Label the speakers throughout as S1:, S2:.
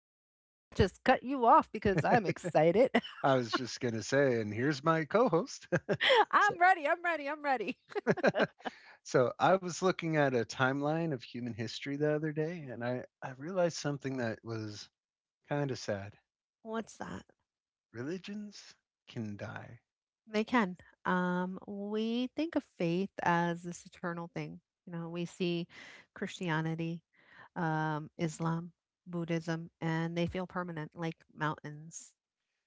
S1: Yuri, and I just cut you off because I'm excited.
S2: I was just going to say, and here's my co host. so,
S1: I'm ready. I'm ready. I'm ready.
S2: so I was looking at a timeline of human history the other day,
S1: Mhm.
S2: and I realized something that was kind of sad.
S1: What's that?
S2: Religions can die.
S1: They can. We think of faith as this eternal thing. You know, we see Christianity, Islam, Buddhism, and they feel permanent like mountains.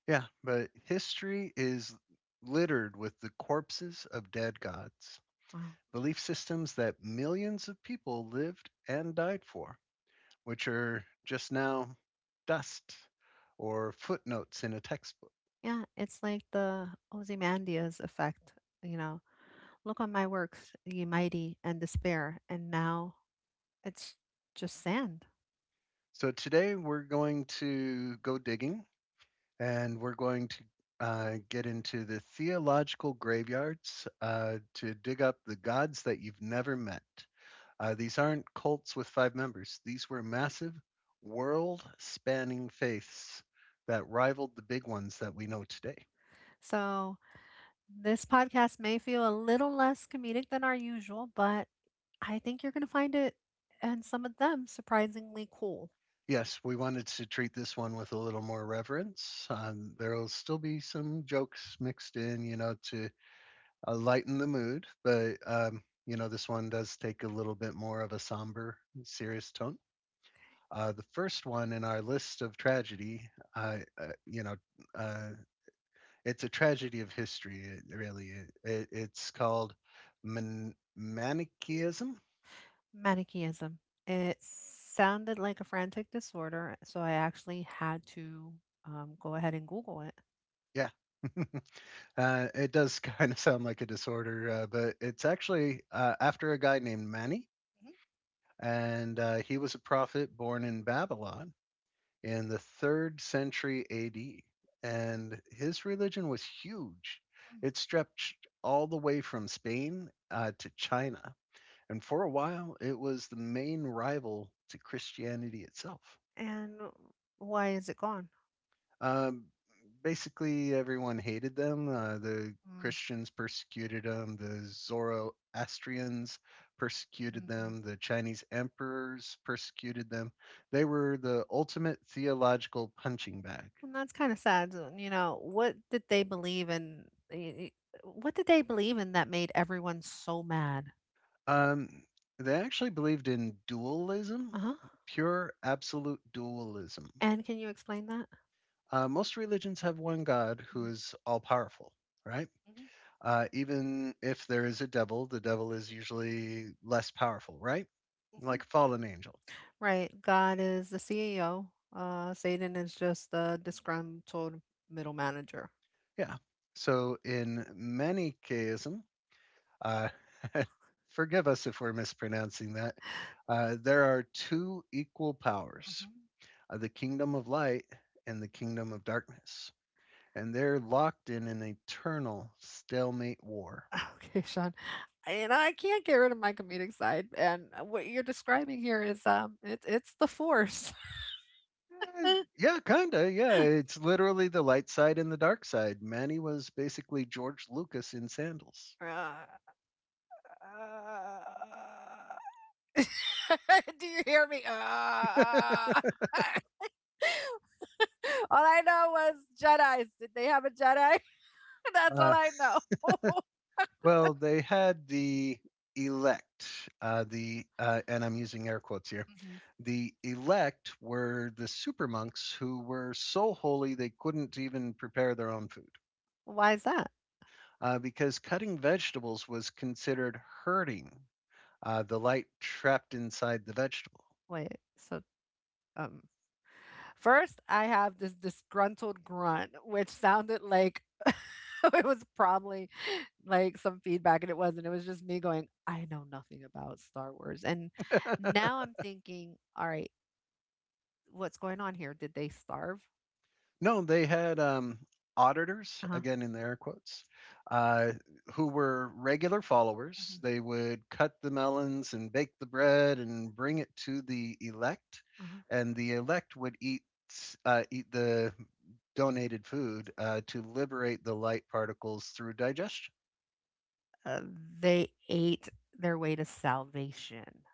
S2: Yeah, but history is littered with the corpses of dead gods,
S1: Wow.
S2: belief systems that millions of people lived and died for, which are just now dust or footnotes in a textbook.
S1: Yeah, it's like the Ozymandias effect, you know. Look on my works, ye mighty, and despair, and now it's just sand.
S2: So today we're going to go digging and we're going to get into the theological graveyards to dig up the gods that you've never met. These aren't cults with five members, these were massive, world spanning faiths that rivaled the big ones that we know today.
S1: So this podcast may feel a little less comedic than our usual, but I think you're going to find it and some of them surprisingly cool.
S2: Yes, we wanted to treat this one with a little more reverence. There'll still be some jokes mixed in, to lighten the mood, but this one does take a little bit more of a somber, serious tone. The first one in our list of tragedy, uh, uh, you know, uh, it's a tragedy of history, really. It's called Manichaeism.
S1: Manichaeism. It sounded like a frantic disorder, so I actually had to go ahead and Google it.
S2: Yeah. It does kind of sound like a disorder, but it's actually after a guy named Mani, and he was a prophet born in Babylon in the third century AD. And his religion was huge,
S1: Mhm.
S2: it stretched all the way from Spain to China. And for a while, it was the main rival to Christianity itself.
S1: And why is it gone?
S2: Um, Basically, everyone hated them. The Christians persecuted them. The Zoroastrians persecuted
S1: Mm-hmm.
S2: them. The Chinese emperors persecuted them. They were the ultimate theological punching bag.
S1: And that's kind of sad. So, what did they believe in? y- y- What did they believe in that made everyone so mad?
S2: Um, they actually believed in
S1: Uh
S2: dualism,
S1: huh.
S2: pure absolute dualism.
S1: And can you explain that?
S2: Most religions have one God who
S1: Mhm,
S2: is all powerful, right?
S1: mhm,
S2: Even if there is a devil, the devil is usually less powerful, right?
S1: mhm.
S2: Like a fallen angel.
S1: Right, God is the CEO. Satan is just the disgruntled middle manager.
S2: Yeah. So in Manichaeism, uh, forgive us if we're mispronouncing that, there are two equal powers,
S1: Mhm.
S2: the kingdom of light and the kingdom of darkness. And they're locked in an eternal stalemate war.
S1: Okay, Sean. You know I can't get rid of my comedic side. And what you're describing here is it's the force.
S2: Eh, Yeah, kinda. Yeah, it's literally the light side and the dark side. Manny was basically George Lucas in sandals.
S1: Uh, Do you hear me? All I know was Jedi's. Did they have a Jedi? That's all
S2: Uh,
S1: I know.
S2: well, they had the elect, the and I'm using air quotes here.
S1: Mhm.
S2: The elect were the super monks who were so holy they couldn't even prepare their own food
S1: Why is that?
S2: because cutting vegetables was considered hurting the light trapped inside the vegetable.
S1: Wait, so um first I have this disgruntled grunt, which sounded like it was probably like some feedback and it wasn't. It was just me going, I know nothing about Star Wars. And now I'm thinking, all right, what's going on here? Did they starve?
S2: No, they had, auditors,
S1: Uh-huh.
S2: again in the air quotes, uh, who were regular followers.
S1: Mhm.
S2: They would cut the melons and bake the bread and bring it to the elect,
S1: Uh-huh.
S2: and the elect would eat the donated food to liberate the light particles through digestion.
S1: Uh, they ate their way to salvation.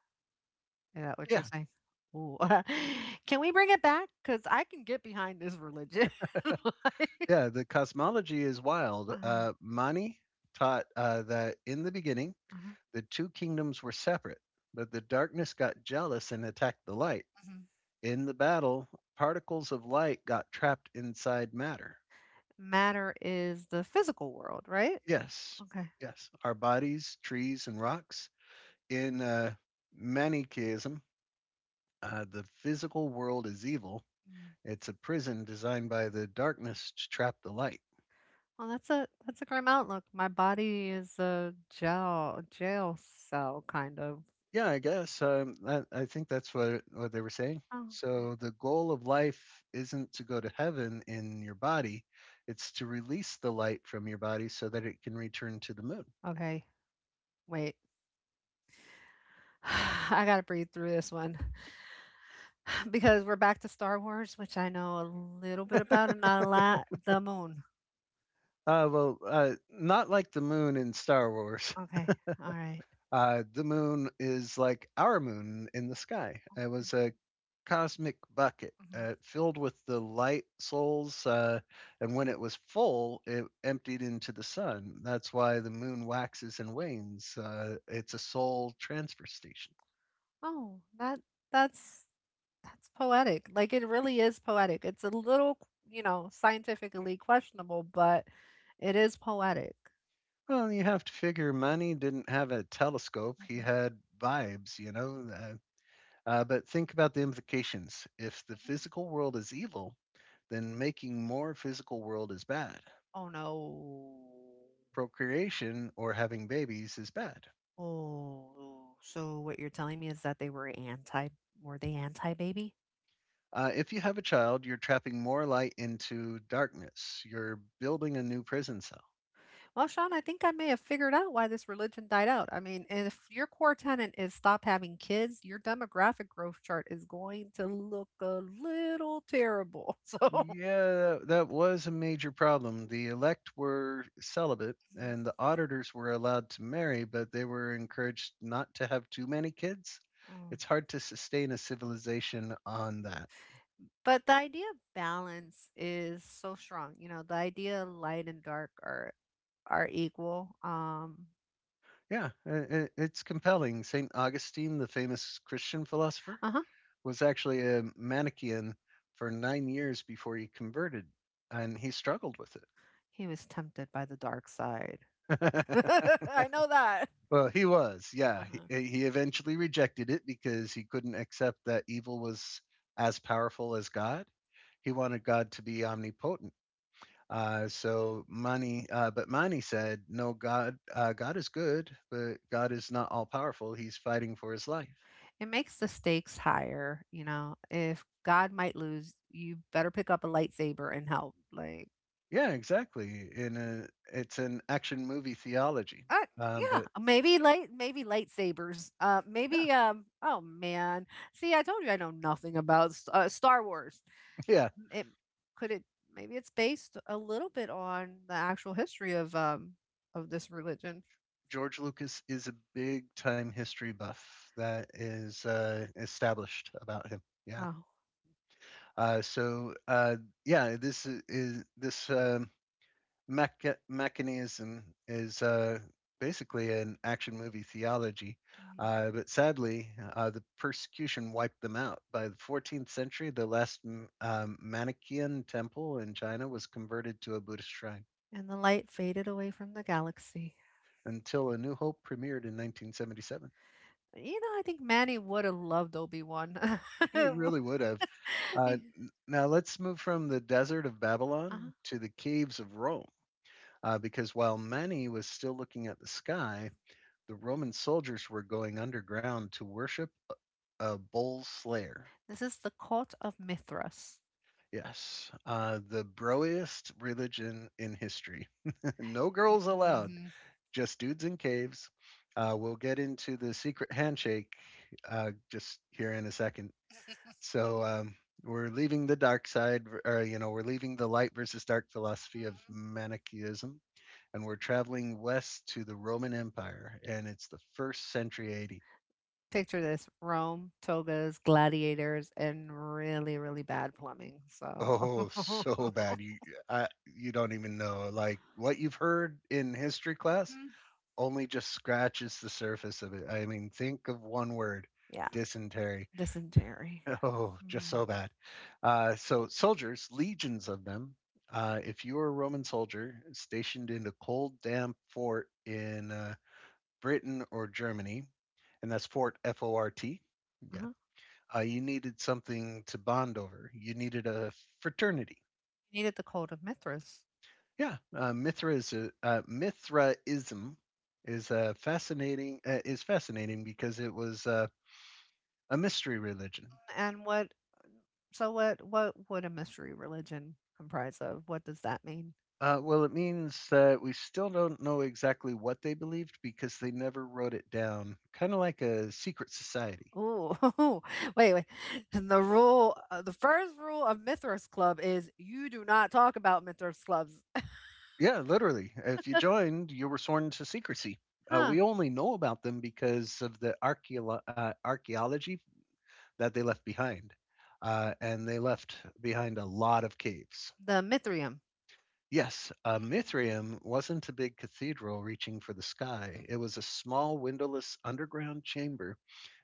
S1: Is that what you're
S2: Yeah,
S1: saying? Ooh. Can we bring it back? Because I can get behind this religion. Like
S2: yeah. The cosmology is wild.
S1: Uh-huh,
S2: Mani taught that in the beginning
S1: uh-huh.
S2: the two kingdoms were separate, but the darkness got jealous and attacked the light.
S1: Mhm.
S2: In the battle, particles of light got trapped inside matter.
S1: Matter is the physical world, right?
S2: Yes,
S1: Yeah. Okay.
S2: yes, our bodies, trees, and rocks. In Manichaeism, the physical world is evil.
S1: Mm.
S2: It's a prison designed by the darkness to trap the light.
S1: Well, that's a grim outlook. My body is a jail cell kind of.
S2: Yeah, I guess I think that's what they were saying.
S1: Oh,
S2: So the goal of life isn't to go to heaven in your body; it's to release the light from your body so that it can return to the moon.
S1: okay. Wait. I gotta breathe through this one because we're back to Star Wars, which I know a little bit about and not a lot. The moon.
S2: Well, not like the moon in Star Wars.
S1: Okay. All right.
S2: The moon is like our moon in the sky. It was a cosmic bucket
S1: Mhm.
S2: filled with the light souls, and when it was full, it emptied into the sun. That's why the moon waxes and wanes. It's a soul transfer station.
S1: Oh, that's that's poetic. Like it really is poetic. It's a little, you know, scientifically questionable, but it is poetic.
S2: Well, you have to figure Manny didn't have a telescope. He
S1: Mhm,
S2: had vibes. But think about the implications. If the
S1: mhm.
S2: physical world is evil, then making more physical world is bad.
S1: Oh no.
S2: Procreation or having babies is bad.
S1: Oh, so what you're telling me is that were they anti-baby?
S2: If you have a child, you're trapping more light into darkness. You're building a new prison cell.
S1: Well, Sean, I think I may have figured out why this religion died out. I mean, if your core tenet is stop having kids, your demographic growth chart is going to look a little terrible.
S2: Yeah, that was a major problem. The elect were celibate, and the auditors were allowed to marry, but they were encouraged not to have too many kids.
S1: So,
S2: It's hard to sustain a civilization on that.
S1: but the idea of balance is so strong. You know, the idea light and dark are equal.
S2: Yeah, it's compelling. St. Augustine, the famous Christian philosopher,
S1: Uh-huh.
S2: was actually a Manichaean for 9 years before he converted, and he struggled with
S1: He was tempted by the dark side.
S2: it.
S1: I know that.
S2: Well, he was, yeah.
S1: Uh-huh.
S2: He eventually rejected it because he couldn't accept that evil was as powerful as God. He wanted God to be omnipotent. But Mani said, "No, God, God is good, but God is not all powerful. He's fighting for his life."
S1: It makes the stakes higher, you know. If God might lose, you better pick up a lightsaber and help. Like,
S2: Yeah, exactly. It's an action movie theology.
S1: uh, yeah,
S2: But
S1: maybe light, maybe lightsabers.
S2: yeah,
S1: Maybe. Oh man, see, I told you I know nothing about Star Wars.
S2: yeah.
S1: It Could it maybe it's based a little bit on the actual history of this religion.
S2: George Lucas is a big time history buff that is established about him. Yeah.
S1: Oh.
S2: Uh, so uh, this mechanism is basically an action movie theology.
S1: Mhm.
S2: But sadly, the persecution wiped them out. By the 14th century, the last Manichaean temple in China was converted to a Buddhist shrine
S1: And the light faded away from the galaxy.
S2: until A New Hope premiered in 1977.
S1: You know, I think Manny would have loved Obi-Wan.
S2: He really would have. Let's move from the desert of
S1: uh
S2: Babylon to the caves of Rome. Because while Mani was still looking at the sky, the Roman soldiers were going underground to worship a bull slayer.
S1: This is the cult of Mithras.
S2: Yes, the broiest religion in history. No girls allowed,
S1: Hmm.
S2: just dudes in caves. We'll get into the secret handshake just here in a second. So we're leaving the dark side, or we're leaving the light versus dark philosophy of Manichaeism, and we're traveling west to the Roman Empire, and it's the first century AD.
S1: Picture this Rome, togas, gladiators, and really, really bad plumbing. So,
S2: Oh,
S1: mhm.
S2: so bad. You don't even know. Like what you've heard in history class only just scratches the surface of it. I mean, think of one word,
S1: Yeah,
S2: dysentery.
S1: dysentery.
S2: Oh, just
S1: Mm.
S2: so bad. So soldiers, legions of them. If you were a Roman soldier stationed in a cold, damp fort in Britain or Germany, and that's Fort F O R T. Yeah.
S1: Uh-huh.
S2: You needed something to bond over. You needed a fraternity.
S1: He needed the cult of Mithras.
S2: Yeah, Mithraism is a fascinating is fascinating because it was a mystery religion.
S1: And what so what would a mystery religion comprise of? What does that mean?
S2: Well, it means that we still don't know exactly what they believed because they never wrote it down. Kind of like a secret society.
S1: Oh, wait, wait. And the rule, the first rule of Mithras Club is you do not talk about Mithras Clubs.
S2: Yeah, literally. If you joined, you were sworn to secrecy.
S1: Huh.
S2: We only know about them because of the archaeology that they left behind, and they left behind a lot of caves.
S1: The Mithrium.
S2: Yes, a mithraeum wasn't a big cathedral reaching for the sky. It
S1: Hmm.
S2: was a small, windowless underground chamber,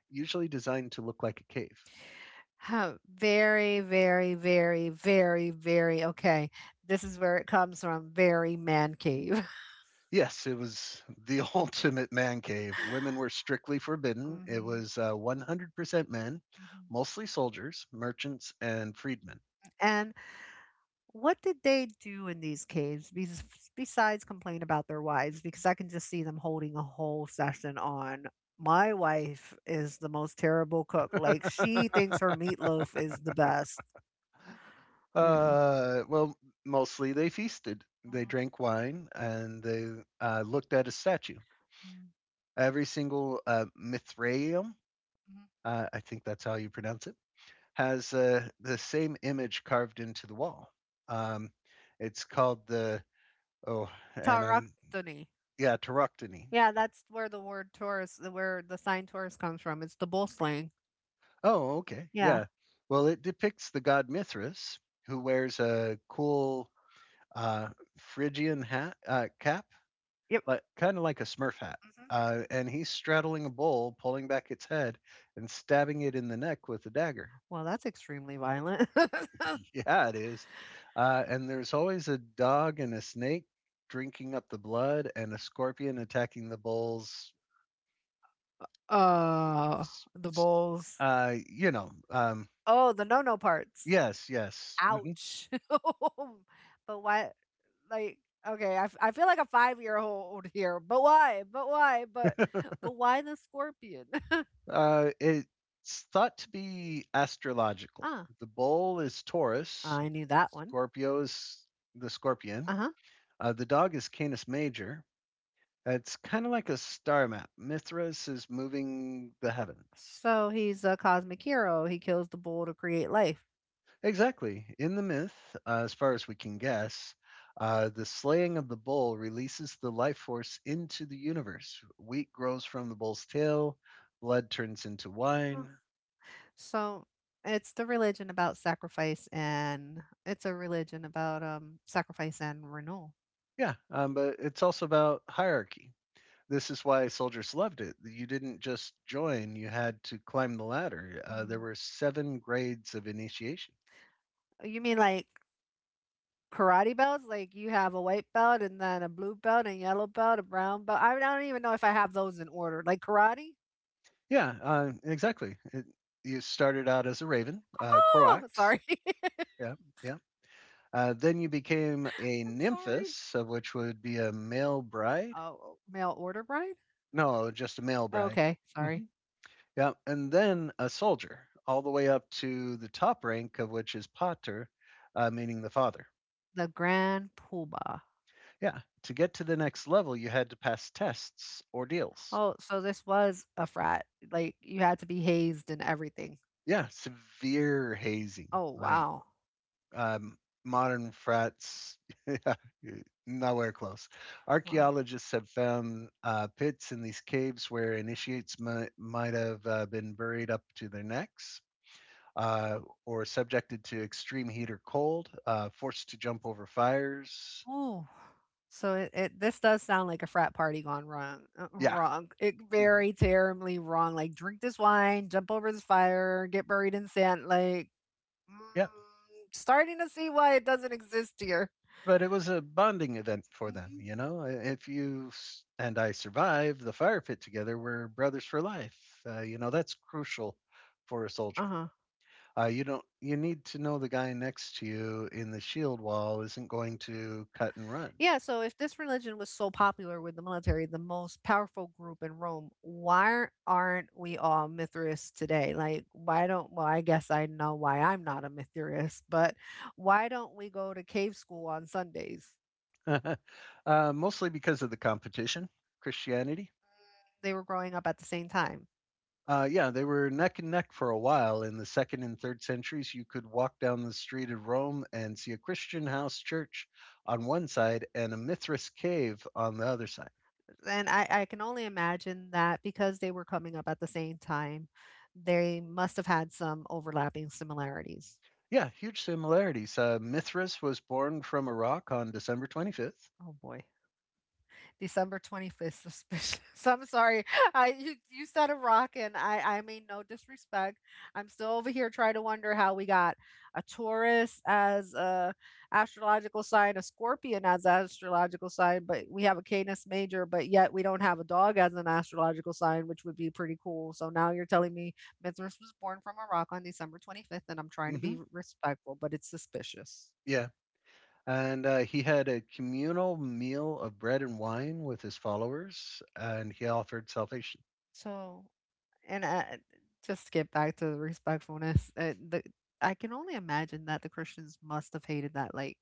S2: usually designed to look like a cave.
S1: Huh. Very okay. This is where it comes from. Very man cave.
S2: Yes, it was the ultimate man cave. Women were strictly forbidden. It
S1: hmm
S2: was 100% men,
S1: hmm
S2: mostly soldiers, merchants, and freedmen.
S1: What did they do in these caves bes besides complain about their wives? Because I can just see them holding a whole session on, "My wife is the most terrible cook, like, she thinks her meatloaf is the best." Yeah.
S2: Well, mostly they feasted. They
S1: Mhm,
S2: drank wine and they looked at a statue.
S1: mhm,
S2: Every single Mithraeum,
S1: mhm.
S2: I think that's how you pronounce it, has the same image carved into the wall. Um, it's called the, oh, and I'm,
S1: Tauroctony.
S2: yeah, Taroctony.
S1: Yeah, that's where the word "taurus" where the sign Taurus comes from, it's the bull slang.
S2: Oh, okay,
S1: Yeah,
S2: yeah. Well, it depicts the god Mithras who wears a cool uh, Phrygian hat cap,
S1: yep.
S2: like kind of like a Smurf hat.
S1: Mhm.
S2: And he's straddling a bull, pulling back its head and stabbing it in the neck with a dagger.
S1: Well, that's extremely violent.
S2: Yeah, it is. And there's always a dog and a snake drinking up the blood and a scorpion attacking the bulls.
S1: Uh,
S2: S-
S1: the
S2: s-
S1: bulls.
S2: Uh, you know, um,
S1: Oh, the no-no parts.
S2: yes, yes. Hmm.
S1: Ouch. But why? Like, okay, I feel like a 5-year-old old here. But why? But why? But Why the scorpion?
S2: It's thought to be astrological.
S1: Ah,
S2: The bull is Taurus,
S1: I knew that one.
S2: Scorpio is the scorpion,
S1: Uh huh.
S2: the dog is Canis Major. It's kind of like a star map. Mithras is moving the heavens.
S1: So he's a cosmic hero. He kills the bull to create life.
S2: Exactly. In the myth, as far as we can guess, the slaying of the bull releases the life force into the universe. Wheat grows from the bull's tail, blood turns into
S1: Huh.
S2: wine.
S1: So it's the religion about sacrifice and it's a religion about sacrifice and renewal.
S2: Yeah, but it's also about hierarchy. This is why soldiers loved it. You didn't just join, you had to climb the ladder. There
S1: Mm.
S2: were seven grades of initiation.
S1: You mean like karate belts, like you have a white belt and then a blue belt and yellow belt, a brown belt. I don't even know if I have those in order. Like karate?
S2: Yeah, exactly. You started out as a raven,
S1: Oh,
S2: Croax.
S1: sorry. I'm
S2: Yeah, yeah. Then you became a
S1: sorry.
S2: nymphess, of which would be a male bride.
S1: Oh, mail order bride?
S2: No, just a male bride.
S1: Okay, sorry.
S2: Hmm. Yeah, and then a soldier, all the way up to the top rank, of which is pater, meaning the father.
S1: The Grand Poobah.
S2: Yeah, to get to the next level, you had to pass tests, ordeals.
S1: Oh, so this was a frat. Like you had to be hazed and everything.
S2: Yeah, severe hazing.
S1: Oh,
S2: Like
S1: wow.
S2: Um, modern frats, yeah, nowhere close.
S1: Wow.
S2: Archaeologists have found pits in these caves where initiates might have been buried up to their necks. Uh, or subjected to extreme heat or cold, forced to jump over fires.
S1: Oh, so it this does sound like a frat party gone wrong.
S2: Yeah.
S1: It
S2: mhm,
S1: very terribly wrong. Like drink this wine, jump over this fire, get buried in sand. Like mm,
S2: Yep.
S1: starting to see why it doesn't exist here.
S2: But it was a bonding event for them,
S1: Mhm.
S2: you know? If you and I survive the fire pit together, we're brothers for life. That's crucial for a soldier.
S1: Uh-huh.
S2: You don't. You need to know the guy next to you in the shield wall isn't going to cut and run.
S1: Yeah, so if this religion was so popular with the military, the most powerful group in Rome, why aren't we all Mithrists today? Like, why don't, well, I guess I know why I'm not a Mithrist, but why don't we go to cave school on Sundays?
S2: Mostly because of the competition, Christianity.
S1: They were growing up at the same time.
S2: Yeah, they were neck and neck for a while. In the second and third centuries, you could walk down the street of Rome and see a Christian house church on one side and a Mithras cave on the other side.
S1: And I can only imagine that because they were coming up at the same time, they must have had some overlapping similarities.
S2: Yeah, huge similarities. Mithras was born from a rock on December 25th.
S1: Oh boy. December 25th, suspicious. I'm sorry. I You, you said a rock and I mean no disrespect. I'm still over here trying to wonder how we got a Taurus as a astrological sign, a Scorpion as an astrological sign, but we have a Canis major, but yet we don't have a dog as an astrological sign, which would be pretty cool. So now you're telling me Mithras was born from a rock on December 25th and I'm trying to be
S2: Hmm.
S1: respectful, but it's suspicious.
S2: Yeah. And he had a communal meal of bread and wine with his followers, and he offered salvation.
S1: So And I, just to get back to the respectfulness, I can only imagine that the Christians must have hated that. Like,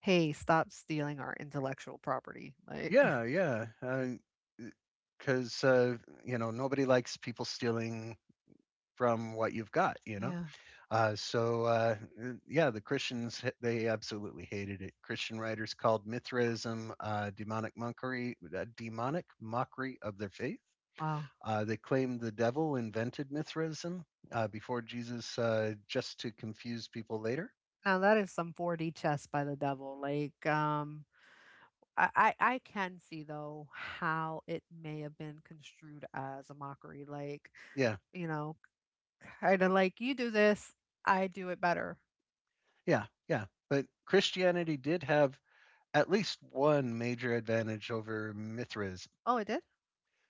S1: hey, stop stealing our intellectual property. Like,
S2: Yeah, yeah. Because, nobody likes people stealing from what you've got, you know?
S1: yeah.
S2: Uh, so uh, yeah, the Christians, they absolutely hated it. Christian writers called Mithraism demonic monkery, demonic mockery of their faith.
S1: Wow.
S2: They claimed the devil invented Mithraism before Jesus, just to confuse people later.
S1: Now that is some 4D chess by the devil. Like, I can see though how it may have been construed as a mockery. Like,
S2: Yeah,
S1: you know, kind of like you do this, I do it better.
S2: yeah, yeah. But Christianity did have at least one major advantage over Mithraism.
S1: Oh, it did.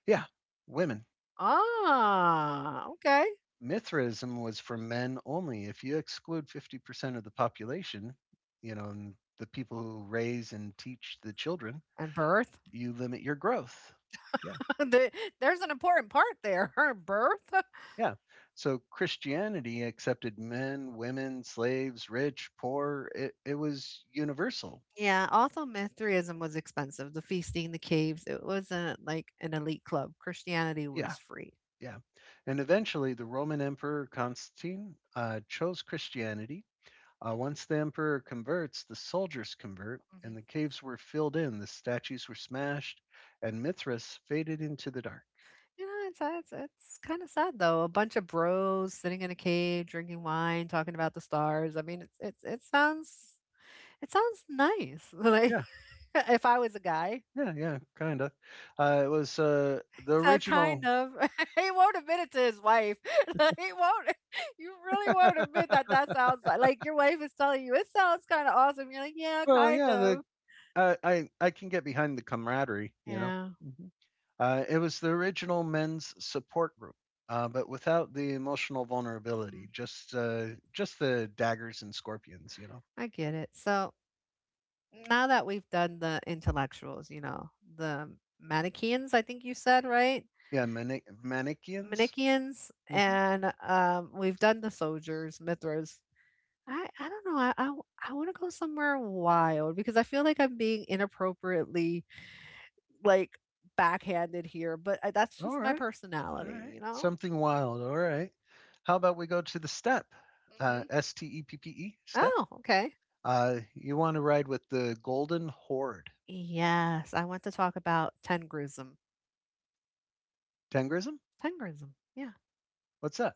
S2: Yeah, women.
S1: Ah, okay.
S2: Mithraism was for men only. If you exclude 50% of the population, you know, and the people who raise and teach the children,
S1: And birth.
S2: you limit your growth. Yeah.
S1: The there's an important part there, her birth.
S2: Yeah. So Christianity accepted men, women, slaves, rich, poor. It was universal.
S1: Yeah, also Mithraism was expensive. The feasting, the caves, it wasn't like an elite club. Christianity was
S2: Yeah.
S1: free.
S2: Yeah. And eventually the Roman Emperor Constantine chose Christianity. Once the emperor converts, the soldiers convert,
S1: Mhm.
S2: and the caves were filled in, the statues were smashed, and Mithras faded into the dark.
S1: You know, it's kind of sad though. A bunch of bros sitting in a cave, drinking wine, talking about the stars. I mean, it sounds it sounds nice. Like
S2: Yeah,
S1: if I was a guy,
S2: yeah, yeah, kind of. It was the
S1: so
S2: original.
S1: kind of. He won't admit it to his wife. Like, he won't. You really won't admit that that sounds like your wife is telling you it sounds kind of awesome. You're like, yeah,
S2: Well,
S1: kind
S2: yeah, the
S1: of.
S2: I can get behind the camaraderie, you know.
S1: Yeah,
S2: It was the original men's support group, but without the emotional
S1: mhm.
S2: vulnerability, just the daggers and scorpions, you know.
S1: I get it. So now that we've done the intellectuals, you know, the Manichaeans, I think you said, right?
S2: Yeah, Manichaeans.
S1: Manichaeans, and we've done the soldiers, Mithras. I don't know. I want to go somewhere wild because I feel like I'm being inappropriately like backhanded here, but I, that's
S2: All
S1: just my
S2: right. All
S1: personality,
S2: right.
S1: you know?
S2: Something wild. All right. How about we go to the step?
S1: Hmm.
S2: Steppe, step.
S1: Oh, okay.
S2: You want to ride with the Golden Horde.
S1: Yes, I want to talk about Tengrism.
S2: Tengrism?
S1: Tengrism, yeah.
S2: What's that?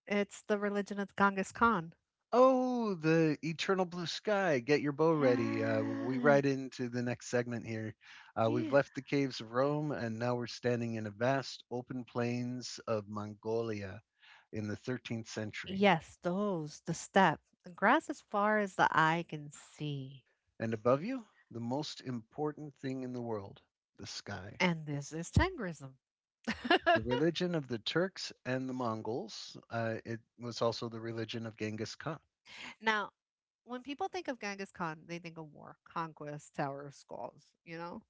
S1: It's the religion of Genghis Khan.
S2: Oh, the Eternal Blue Sky. Get your bow ready. We
S1: Yeah,
S2: ride into the next segment here. We've
S1: yeah.
S2: left the caves of Rome, and now we're standing in a vast open plains of Mongolia in the 13th century.
S1: Yes, those, the steppe, the grass as far as the eye can see.
S2: And above you, the most important thing in the world the sky.
S1: And this is Tengrism.
S2: The religion of the Turks and the Mongols. It was also the religion of Genghis Khan,
S1: Now, when people think of Genghis Khan, they think of war, conquest, tower of skulls, you know?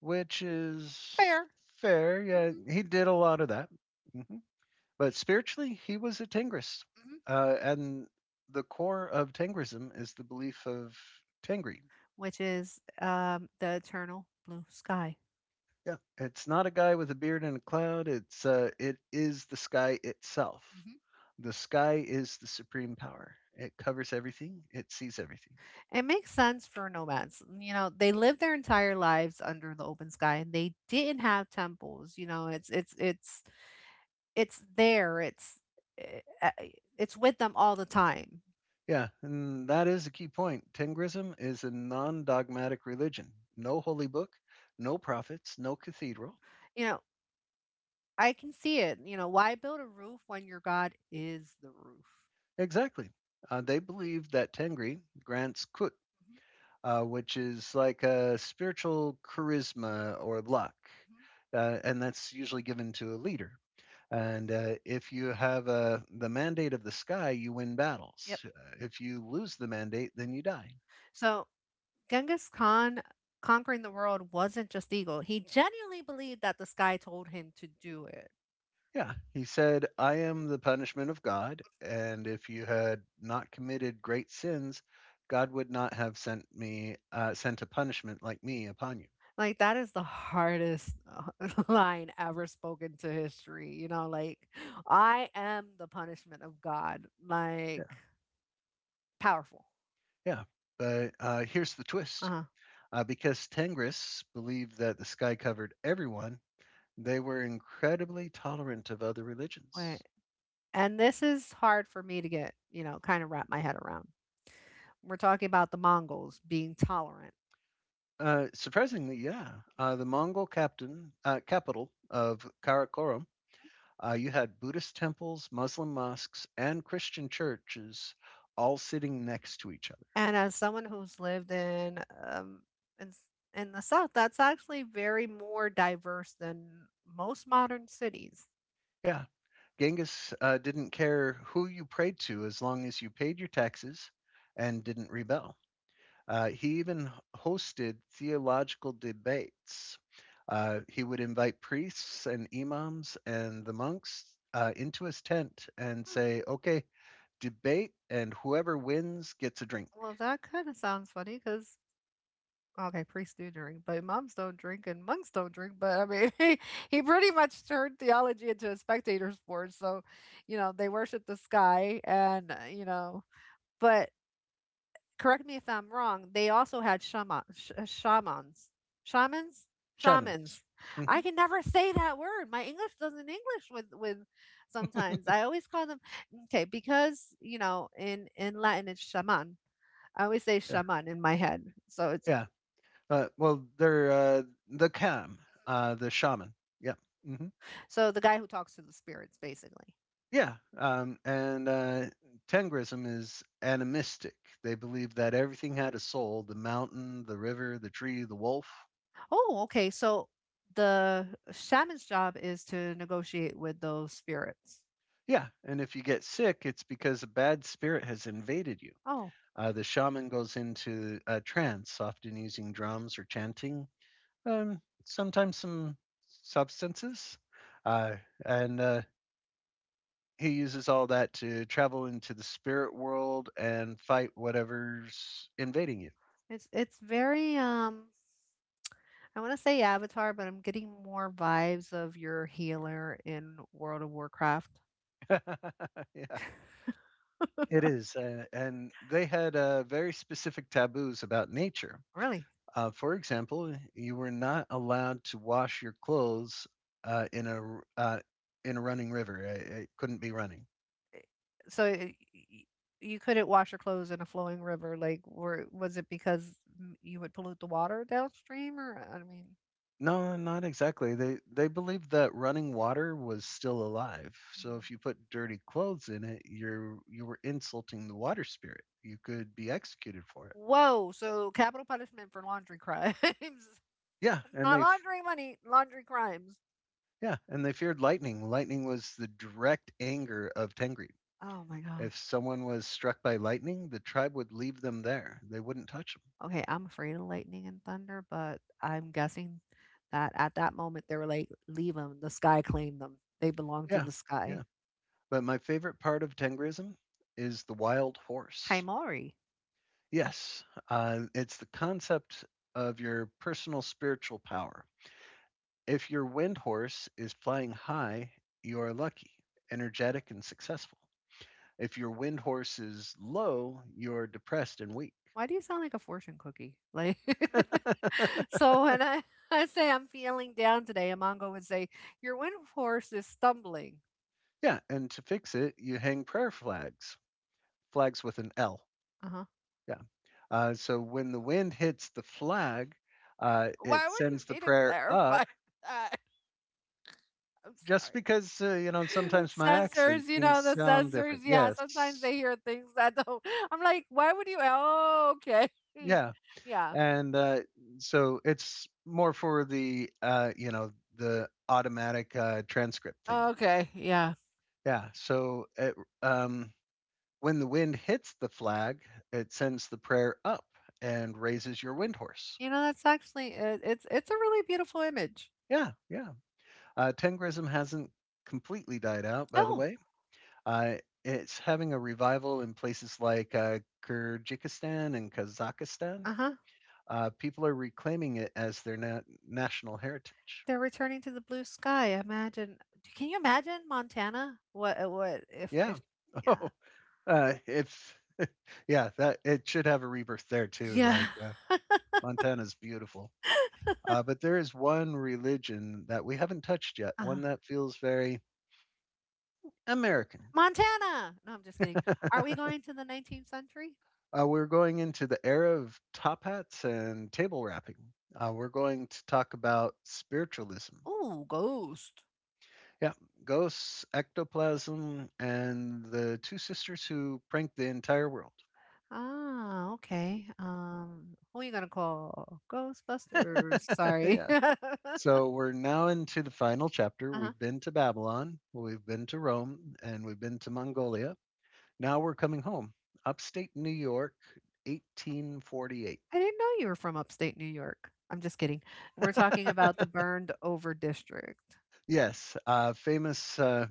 S2: which is
S1: Fair.
S2: fair. Yeah,
S1: Hmm.
S2: he did a lot of that. Hmm. But spiritually, he was a Tengrist. And The core of Tengrism is the belief of Tengri.
S1: Which is the eternal blue sky.
S2: Yeah, it's not a guy with a beard and a cloud. It is the sky itself.
S1: Hmm.
S2: The sky is the supreme power. It covers everything. It sees everything.
S1: It makes sense for nomads. You know, they lived their entire lives under the open sky and they didn't have temples. You know, it's there. Eh, eh, it's with them all the time.
S2: Yeah, and that is a key point. Tengrism is a non dogmatic religion. No holy book, no prophets, no cathedral.
S1: You know, I can see it. You know, why build a roof when your god is the roof?
S2: Exactly. They believe that Tengri grants kut, which is like a spiritual charisma or luck, and that's usually given to a leader. And if you have the mandate of the sky, you win
S1: Yep.
S2: battles. If you lose the mandate, then you die.
S1: So, Genghis Khan conquering the world wasn't just ego. He genuinely believed that the sky told him to do it.
S2: Yeah, he said, I am the punishment of God, and if you had not committed great sins, God would not have sent me sent a punishment like me upon you.
S1: Like, that is the hardest line ever spoken to history, you know, like, "I am the punishment of God,"
S2: Yeah.
S1: like, powerful.
S2: Yeah, but here's the twist.
S1: Uh-huh,
S2: Because Tengris believed that the sky covered everyone, they were incredibly tolerant of other
S1: right,
S2: religions.
S1: and this is hard for me to get, you know, kinda wrap my head around. We're talking about the Mongols being tolerant,
S2: Surprisingly, yeah, the Mongol captain capital of Karakorum. You had Buddhist temples, Muslim mosques, and Christian churches all sitting next to each other.
S1: and as someone who's lived in s in the South, that's actually very more diverse than most modern cities.
S2: Yeah, Genghis didn't care who you prayed to as long as you paid your taxes and didn't rebel. He even hosted theological debates. He would invite priests and imams and the monks into his tent and say, okay, debate, and whoever wins gets a drink.
S1: Well, that kinda sounds funny because. Okay, priests do drink, but moms don't drink and monks don't drink. But I mean, he pretty much turned theology into a spectator sport. So, you know, they worship the sky and, you know, but correct me if I'm wrong, they also had shamans. Shamans?
S2: Shamans.
S1: Shamans. I
S2: Mhm.
S1: can never say that word. My English doesn't English with sometimes. I always call them okay, because, you know, in Latin it's shaman. I always say
S2: Yeah.
S1: shaman in my head. So it's.
S2: Yeah. Uh, well, they're uh, the Cam, the shaman. Yeah. Hmm.
S1: So the guy who talks to the spirits, basically.
S2: Yeah. And Tengrism is animistic. They believe that everything had a soul the mountain, the river, the tree, the wolf.
S1: Oh, okay. So the shaman's job is to negotiate with those spirits.
S2: Yeah. And if you get sick, it's because a bad spirit has invaded you.
S1: Oh,
S2: The shaman goes into a trance, often using drums or chanting, sometimes some substances. Uh, and He uses all that to travel into the spirit world and fight whatever's invading you.
S1: it's very I want to say Avatar, but I'm getting more vibes of your healer in World of Warcraft.
S2: Yeah, it is. And they had very specific taboos about nature.
S1: Really?
S2: For example, you were not allowed to wash your clothes uh, in a uh, in a running river. It couldn't be running.
S1: So y- y- you couldn't wash your clothes in a flowing river, like, were was it because you would pollute the water downstream, or I mean,
S2: No, not exactly. They believed that running water was still alive. So
S1: mm.
S2: if you put dirty clothes in it, you were insulting the water spirit. You could be executed for it.
S1: Whoa! So capital punishment for laundry crimes.
S2: Yeah, and
S1: Not
S2: they f-
S1: laundering money, laundering crimes.
S2: yeah, and they feared lightning. Lightning was the direct anger of Tengri.
S1: Oh my
S2: If
S1: gosh.
S2: someone was struck by lightning, the tribe would leave them there. They wouldn't touch them.
S1: Okay, I'm afraid of lightning and thunder, but I'm guessing that at that moment they were like, leave them. The sky claimed them. They belong to
S2: Yeah,
S1: the sky.
S2: yeah. But my favorite part of Tengrism is the wild
S1: Hi,
S2: horse.
S1: Maury.
S2: Yes, it's the concept of your personal spiritual power. If your wind horse is flying high, you are lucky, energetic, and successful. If your wind horse is low, you're depressed and weak.
S1: Why do you sound like a fortune cookie? Like, so when I, I say I'm feeling down today, Amongo would say, your wind force is stumbling.
S2: Yeah, and to fix it, you hang prayer flags, flags with an L.
S1: Uh huh.
S2: Yeah. So when the wind hits the flag,
S1: Why
S2: it
S1: would you
S2: sends the
S1: need to
S2: prayer
S1: clarify
S2: up
S1: that? I'm
S2: just
S1: sorry.
S2: because, you know, sometimes my accent,
S1: Sensors, you
S2: things
S1: know, the
S2: sound
S1: sensors.
S2: different.
S1: Yeah, sometimes
S2: Yes.
S1: they hear things that don't. I'm like, why would you? Oh, okay.
S2: Yeah.
S1: Yeah.
S2: and So it's more for the you know, the automatic transcript thing.
S1: Okay. Yeah.
S2: Yeah. Um, when the wind hits the flag, it sends the prayer up and raises your wind horse.
S1: You know, that's actually it, it's a really beautiful image.
S2: Yeah, yeah. Tengrism hasn't completely died out, by the
S1: Oh,
S2: way. Uh, it's having a revival in places like Kyrgyzstan and Kazakhstan.
S1: uh huh.
S2: People are reclaiming it as their national heritage.
S1: They're returning to the blue sky. Imagine. Can you imagine Montana? What? What if?
S2: Yeah.
S1: If? Yeah.
S2: Oh, if yeah, that it should have a rebirth there too.
S1: Yeah.
S2: Montana's beautiful, but there is one religion that we haven't touched yet.
S1: Uh-huh.
S2: One that feels very American.
S1: Montana. No, I'm just kidding. Are we going to the 19th century?
S2: We're going into the era of top hats and table wrapping. We're going to talk about spiritualism.
S1: Oh, ghost.
S2: Yeah, ghosts, ectoplasm, and the two sisters who pranked the entire world.
S1: Ah, okay. Who are you gonna call? Ghostbusters. Sorry.
S2: Yeah. So we're now into the final chapter.
S1: Uh-huh.
S2: We've been to Babylon, we've been to Rome, and we've been to Mongolia. Now we're coming home. Upstate New York, 1848.
S1: I didn't know you were from upstate New York. I'm just kidding. We're talking about the burned over district.
S2: Yes, uh, famous, uh,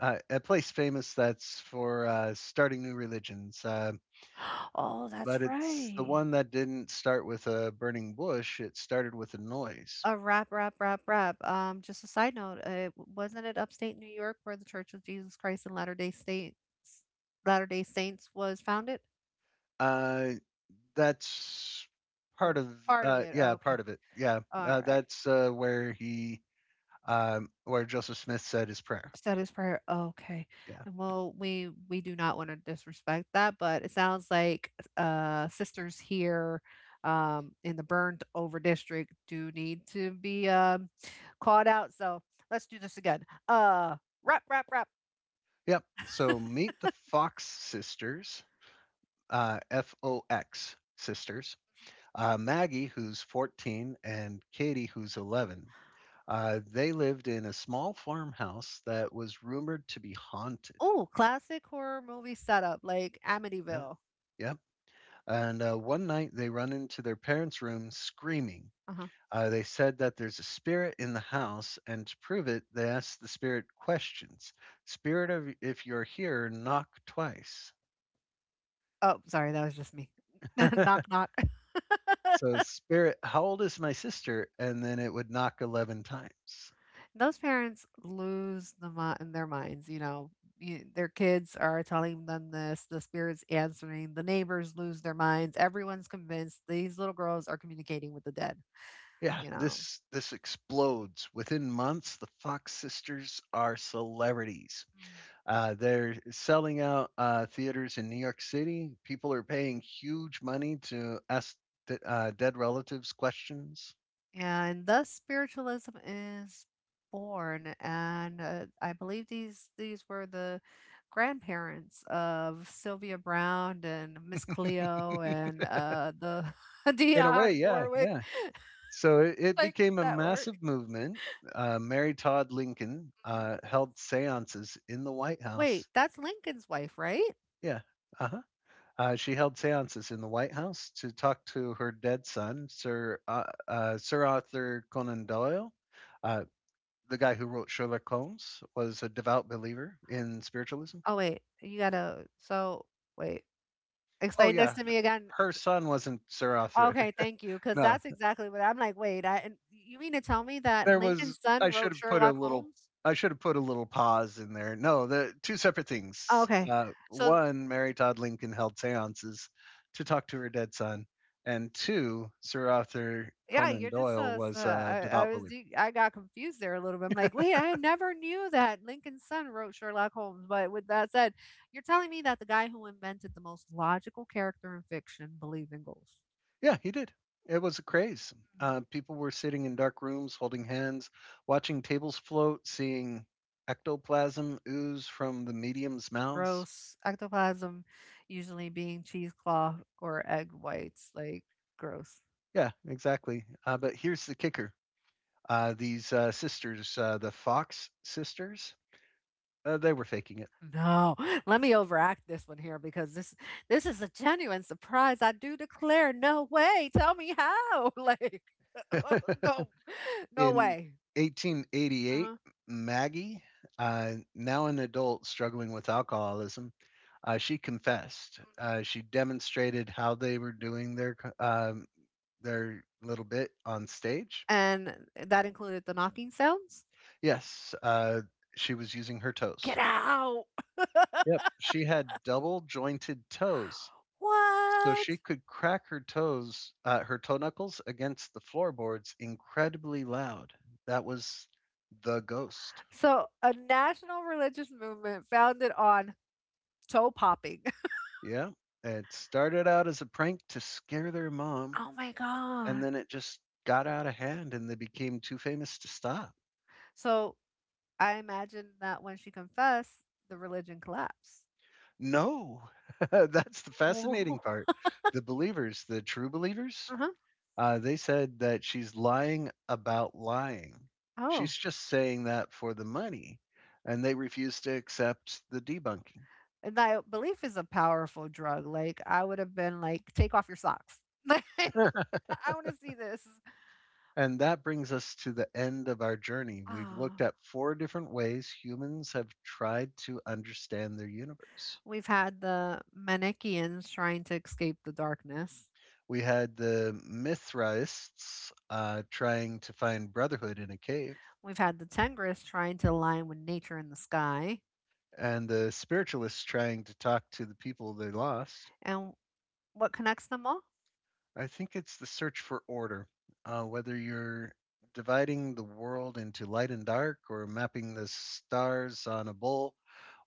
S2: uh, a place famous that's for starting new religions.
S1: Oh,
S2: But
S1: that's
S2: it's the
S1: right.
S2: one that didn't start with a burning bush, it started with a noise.
S1: A rap, rap, rap, rap. Just a side note, wasn't it upstate New York where the Church of Jesus Christ and Latter Day Saints, Latter Day Saints was founded?
S2: Uh, that's part
S1: Or
S2: of,
S1: part of it.
S2: yeah,
S1: Okay.
S2: part of it. Yeah,
S1: All right.
S2: that's where he where Joseph Smith said his prayer.
S1: Status prior okay.
S2: Yeah.
S1: And well, we do not wanna disrespect that, but it sounds like, sisters here, in the burned over district do need to be, called out, so let's do this again. Uh, Rap, rap, rap.
S2: Yep. So meet the Fox sisters, Fox sisters. Maggie, who's 14, and Katie, who's 11. They lived in a small farmhouse that was rumored to be haunted.
S1: Oh, classic horror movie setup, like
S2: Yeah.
S1: Amityville.
S2: Yep. And one night they run into their parents' room screaming.
S1: Uh-huh.
S2: They said that there's a spirit in the house, and to prove it, they asked the spirit questions. Spirit of, if you're here, knock twice.
S1: Oh, sorry, that was just me. Knock, knock.
S2: So, spirit, how old is my sister? And then it would knock 11 times.
S1: Those parents lose their minds, you know, you, their kids are telling them this, the spirits answering, the neighbors lose their minds, everyone's convinced these little girls are communicating with the dead,
S2: Yeah,
S1: you know,
S2: this explodes within months. The Fox sisters are celebrities. They're selling out theaters in New York City. People are paying huge money to ask dead relatives questions.
S1: and thus spiritualism is born and I believe these were the grandparents of Sylvia Brown and Miss Cleo and the
S2: In a
S1: Dion
S2: way, yeah,
S1: Warwick.
S2: yeah. So it, it
S1: Psychic
S2: became a
S1: network.
S2: massive movement. Mary Todd Lincoln held seances in the White
S1: Wait,
S2: House.
S1: that's Lincoln's wife, right?
S2: Yeah. Uh-huh. She held seances in the White House to talk to her dead son, Sir Arthur Conan Doyle. Uh, the guy who wrote Sherlock Holmes was a devout believer in spiritualism.
S1: Oh wait, you gotta. So wait,
S2: Oh,
S1: explain this
S2: yeah.
S1: to me again.
S2: Her son wasn't Sir Arthur.
S1: Okay, thank you, because
S2: No,
S1: that's exactly what I'm like. Wait, I, and you mean to tell me that
S2: there
S1: Lincoln's
S2: was
S1: son
S2: I should
S1: wrote
S2: have put
S1: Sherlock Holmes?
S2: a little pause in there. No, the two separate
S1: Oh,
S2: things.
S1: okay, so th-
S2: One, Mary Todd Lincoln held seances to talk to her dead son, and two, Sir Arthur
S1: yeah,
S2: Conan
S1: you're just
S2: Doyle was a
S1: I,
S2: devout believer.
S1: I got confused there a little bit. I'm like, wait, I never knew that Lincoln's son wrote Sherlock Holmes. But with that said, you're telling me that the guy who invented the most logical character in fiction believed in ghosts.
S2: Yeah, he did. It was a craze. People were sitting in dark rooms, holding hands, watching tables float, seeing ectoplasm ooze from the medium's mouths.
S1: Gross. Ectoplasm usually being cheesecloth or egg whites, like gross.
S2: Yeah, exactly. But here's the kicker. These Sisters, the Fox sisters, they were faking it.
S1: No, let me overact this one here because this is a genuine surprise. I do declare, no way. Tell me how. Like, no, no
S2: In
S1: way.
S2: 1888,
S1: Uh-huh.
S2: Maggie, now an adult struggling with alcoholism, she confessed. She demonstrated how they were doing their little bit on stage.
S1: And that included the knocking sounds.
S2: Yes, she was using her
S1: Get
S2: toes.
S1: out.
S2: Yep, she had double jointed toes. So she
S1: What?
S2: could crack her toes, her toe knuckles against the floorboards incredibly loud. That was the ghost.
S1: So, a national religious movement founded on toe popping.
S2: Yeah. It started out as a prank to scare their mom,
S1: Oh my
S2: and
S1: God.
S2: then it just got out of hand and they became too famous to stop.
S1: So, I imagine that when she confessed, the religion collapsed.
S2: No, that's the
S1: Oh.
S2: fascinating part. The believers, the true believers,
S1: Uh-huh.
S2: They said that she's lying about lying. She's
S1: Oh.
S2: just saying that for the money, and they refuse to accept the debunking.
S1: And that belief is a powerful drug. Like I would have been like, take off your socks. Like I want to see this.
S2: And that brings us to the end of our journey. We've looked
S1: Oh,
S2: at four different ways humans have tried to understand their universe.
S1: we've had the Manichaeans trying to escape the darkness.
S2: We had the Mithraists trying to find brotherhood in a cave,
S1: We've had the Tengris trying to align with nature in the sky.
S2: and the spiritualists trying to talk to the people they lost.
S1: And what connects them all?
S2: I think it's the search for order, whether you're dividing the world into light and dark, or mapping the stars on a bowl,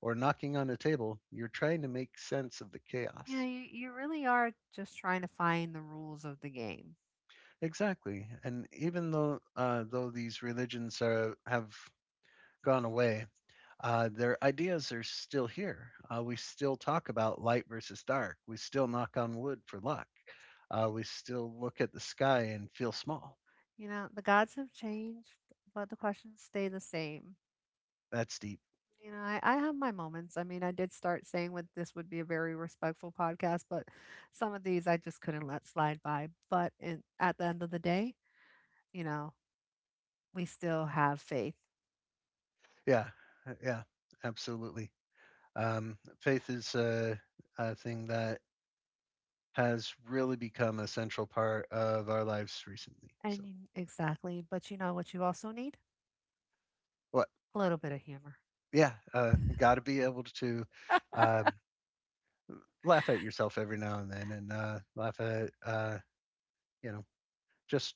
S2: or knocking on a table, you're trying to make sense of the
S1: You know,
S2: chaos.
S1: you really are just trying to find the rules of the game.
S2: Exactly, and even though these religions are have gone away, their ideas are still here. We still talk about light versus dark. We still knock on wood for luck. We still look at the sky and feel small.
S1: You know, the gods have changed, but the questions stay the same.
S2: That's deep.
S1: You know, I have my moments. I mean, I did start saying what this would be a very respectful podcast, but some of these I just couldn't let slide by. But in, at the end of the day, you know, we still have faith.
S2: Yeah, uh, yeah, absolutely. Faith is a thing that has really become a central part of our lives recently. So,
S1: And you, exactly. But you know what you also need?
S2: what?
S1: A little bit of humor.
S2: Yeah, got to be able to um, laugh at yourself every now and then, and laugh at you know, just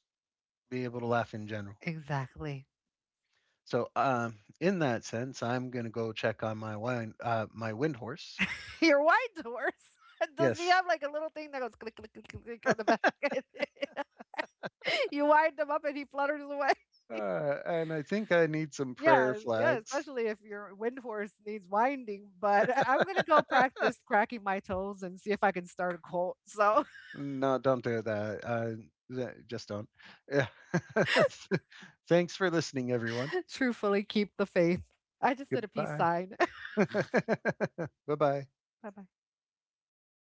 S2: be able to laugh in general. Yeah.
S1: Exactly.
S2: So, um, in that sense, I'm gonna go check on my wine, my wind horse.
S1: Your wine doors. Does he
S2: Yes,
S1: have like a little thing that goes click click click click click on the back? You wind them up and he flutters away.
S2: and I think I need some prayer
S1: Yes, yeah,
S2: flags.
S1: especially if your wind horse needs winding, but I'm gonna go practice cracking my toes and see if I can start a cult. So,
S2: No, don't do that. Just don't. Yeah. Thanks for listening, everyone.
S1: truthfully, keep the faith. I just did a peace
S2: Goodbye.
S1: sign.
S2: Bye bye.
S1: Bye bye.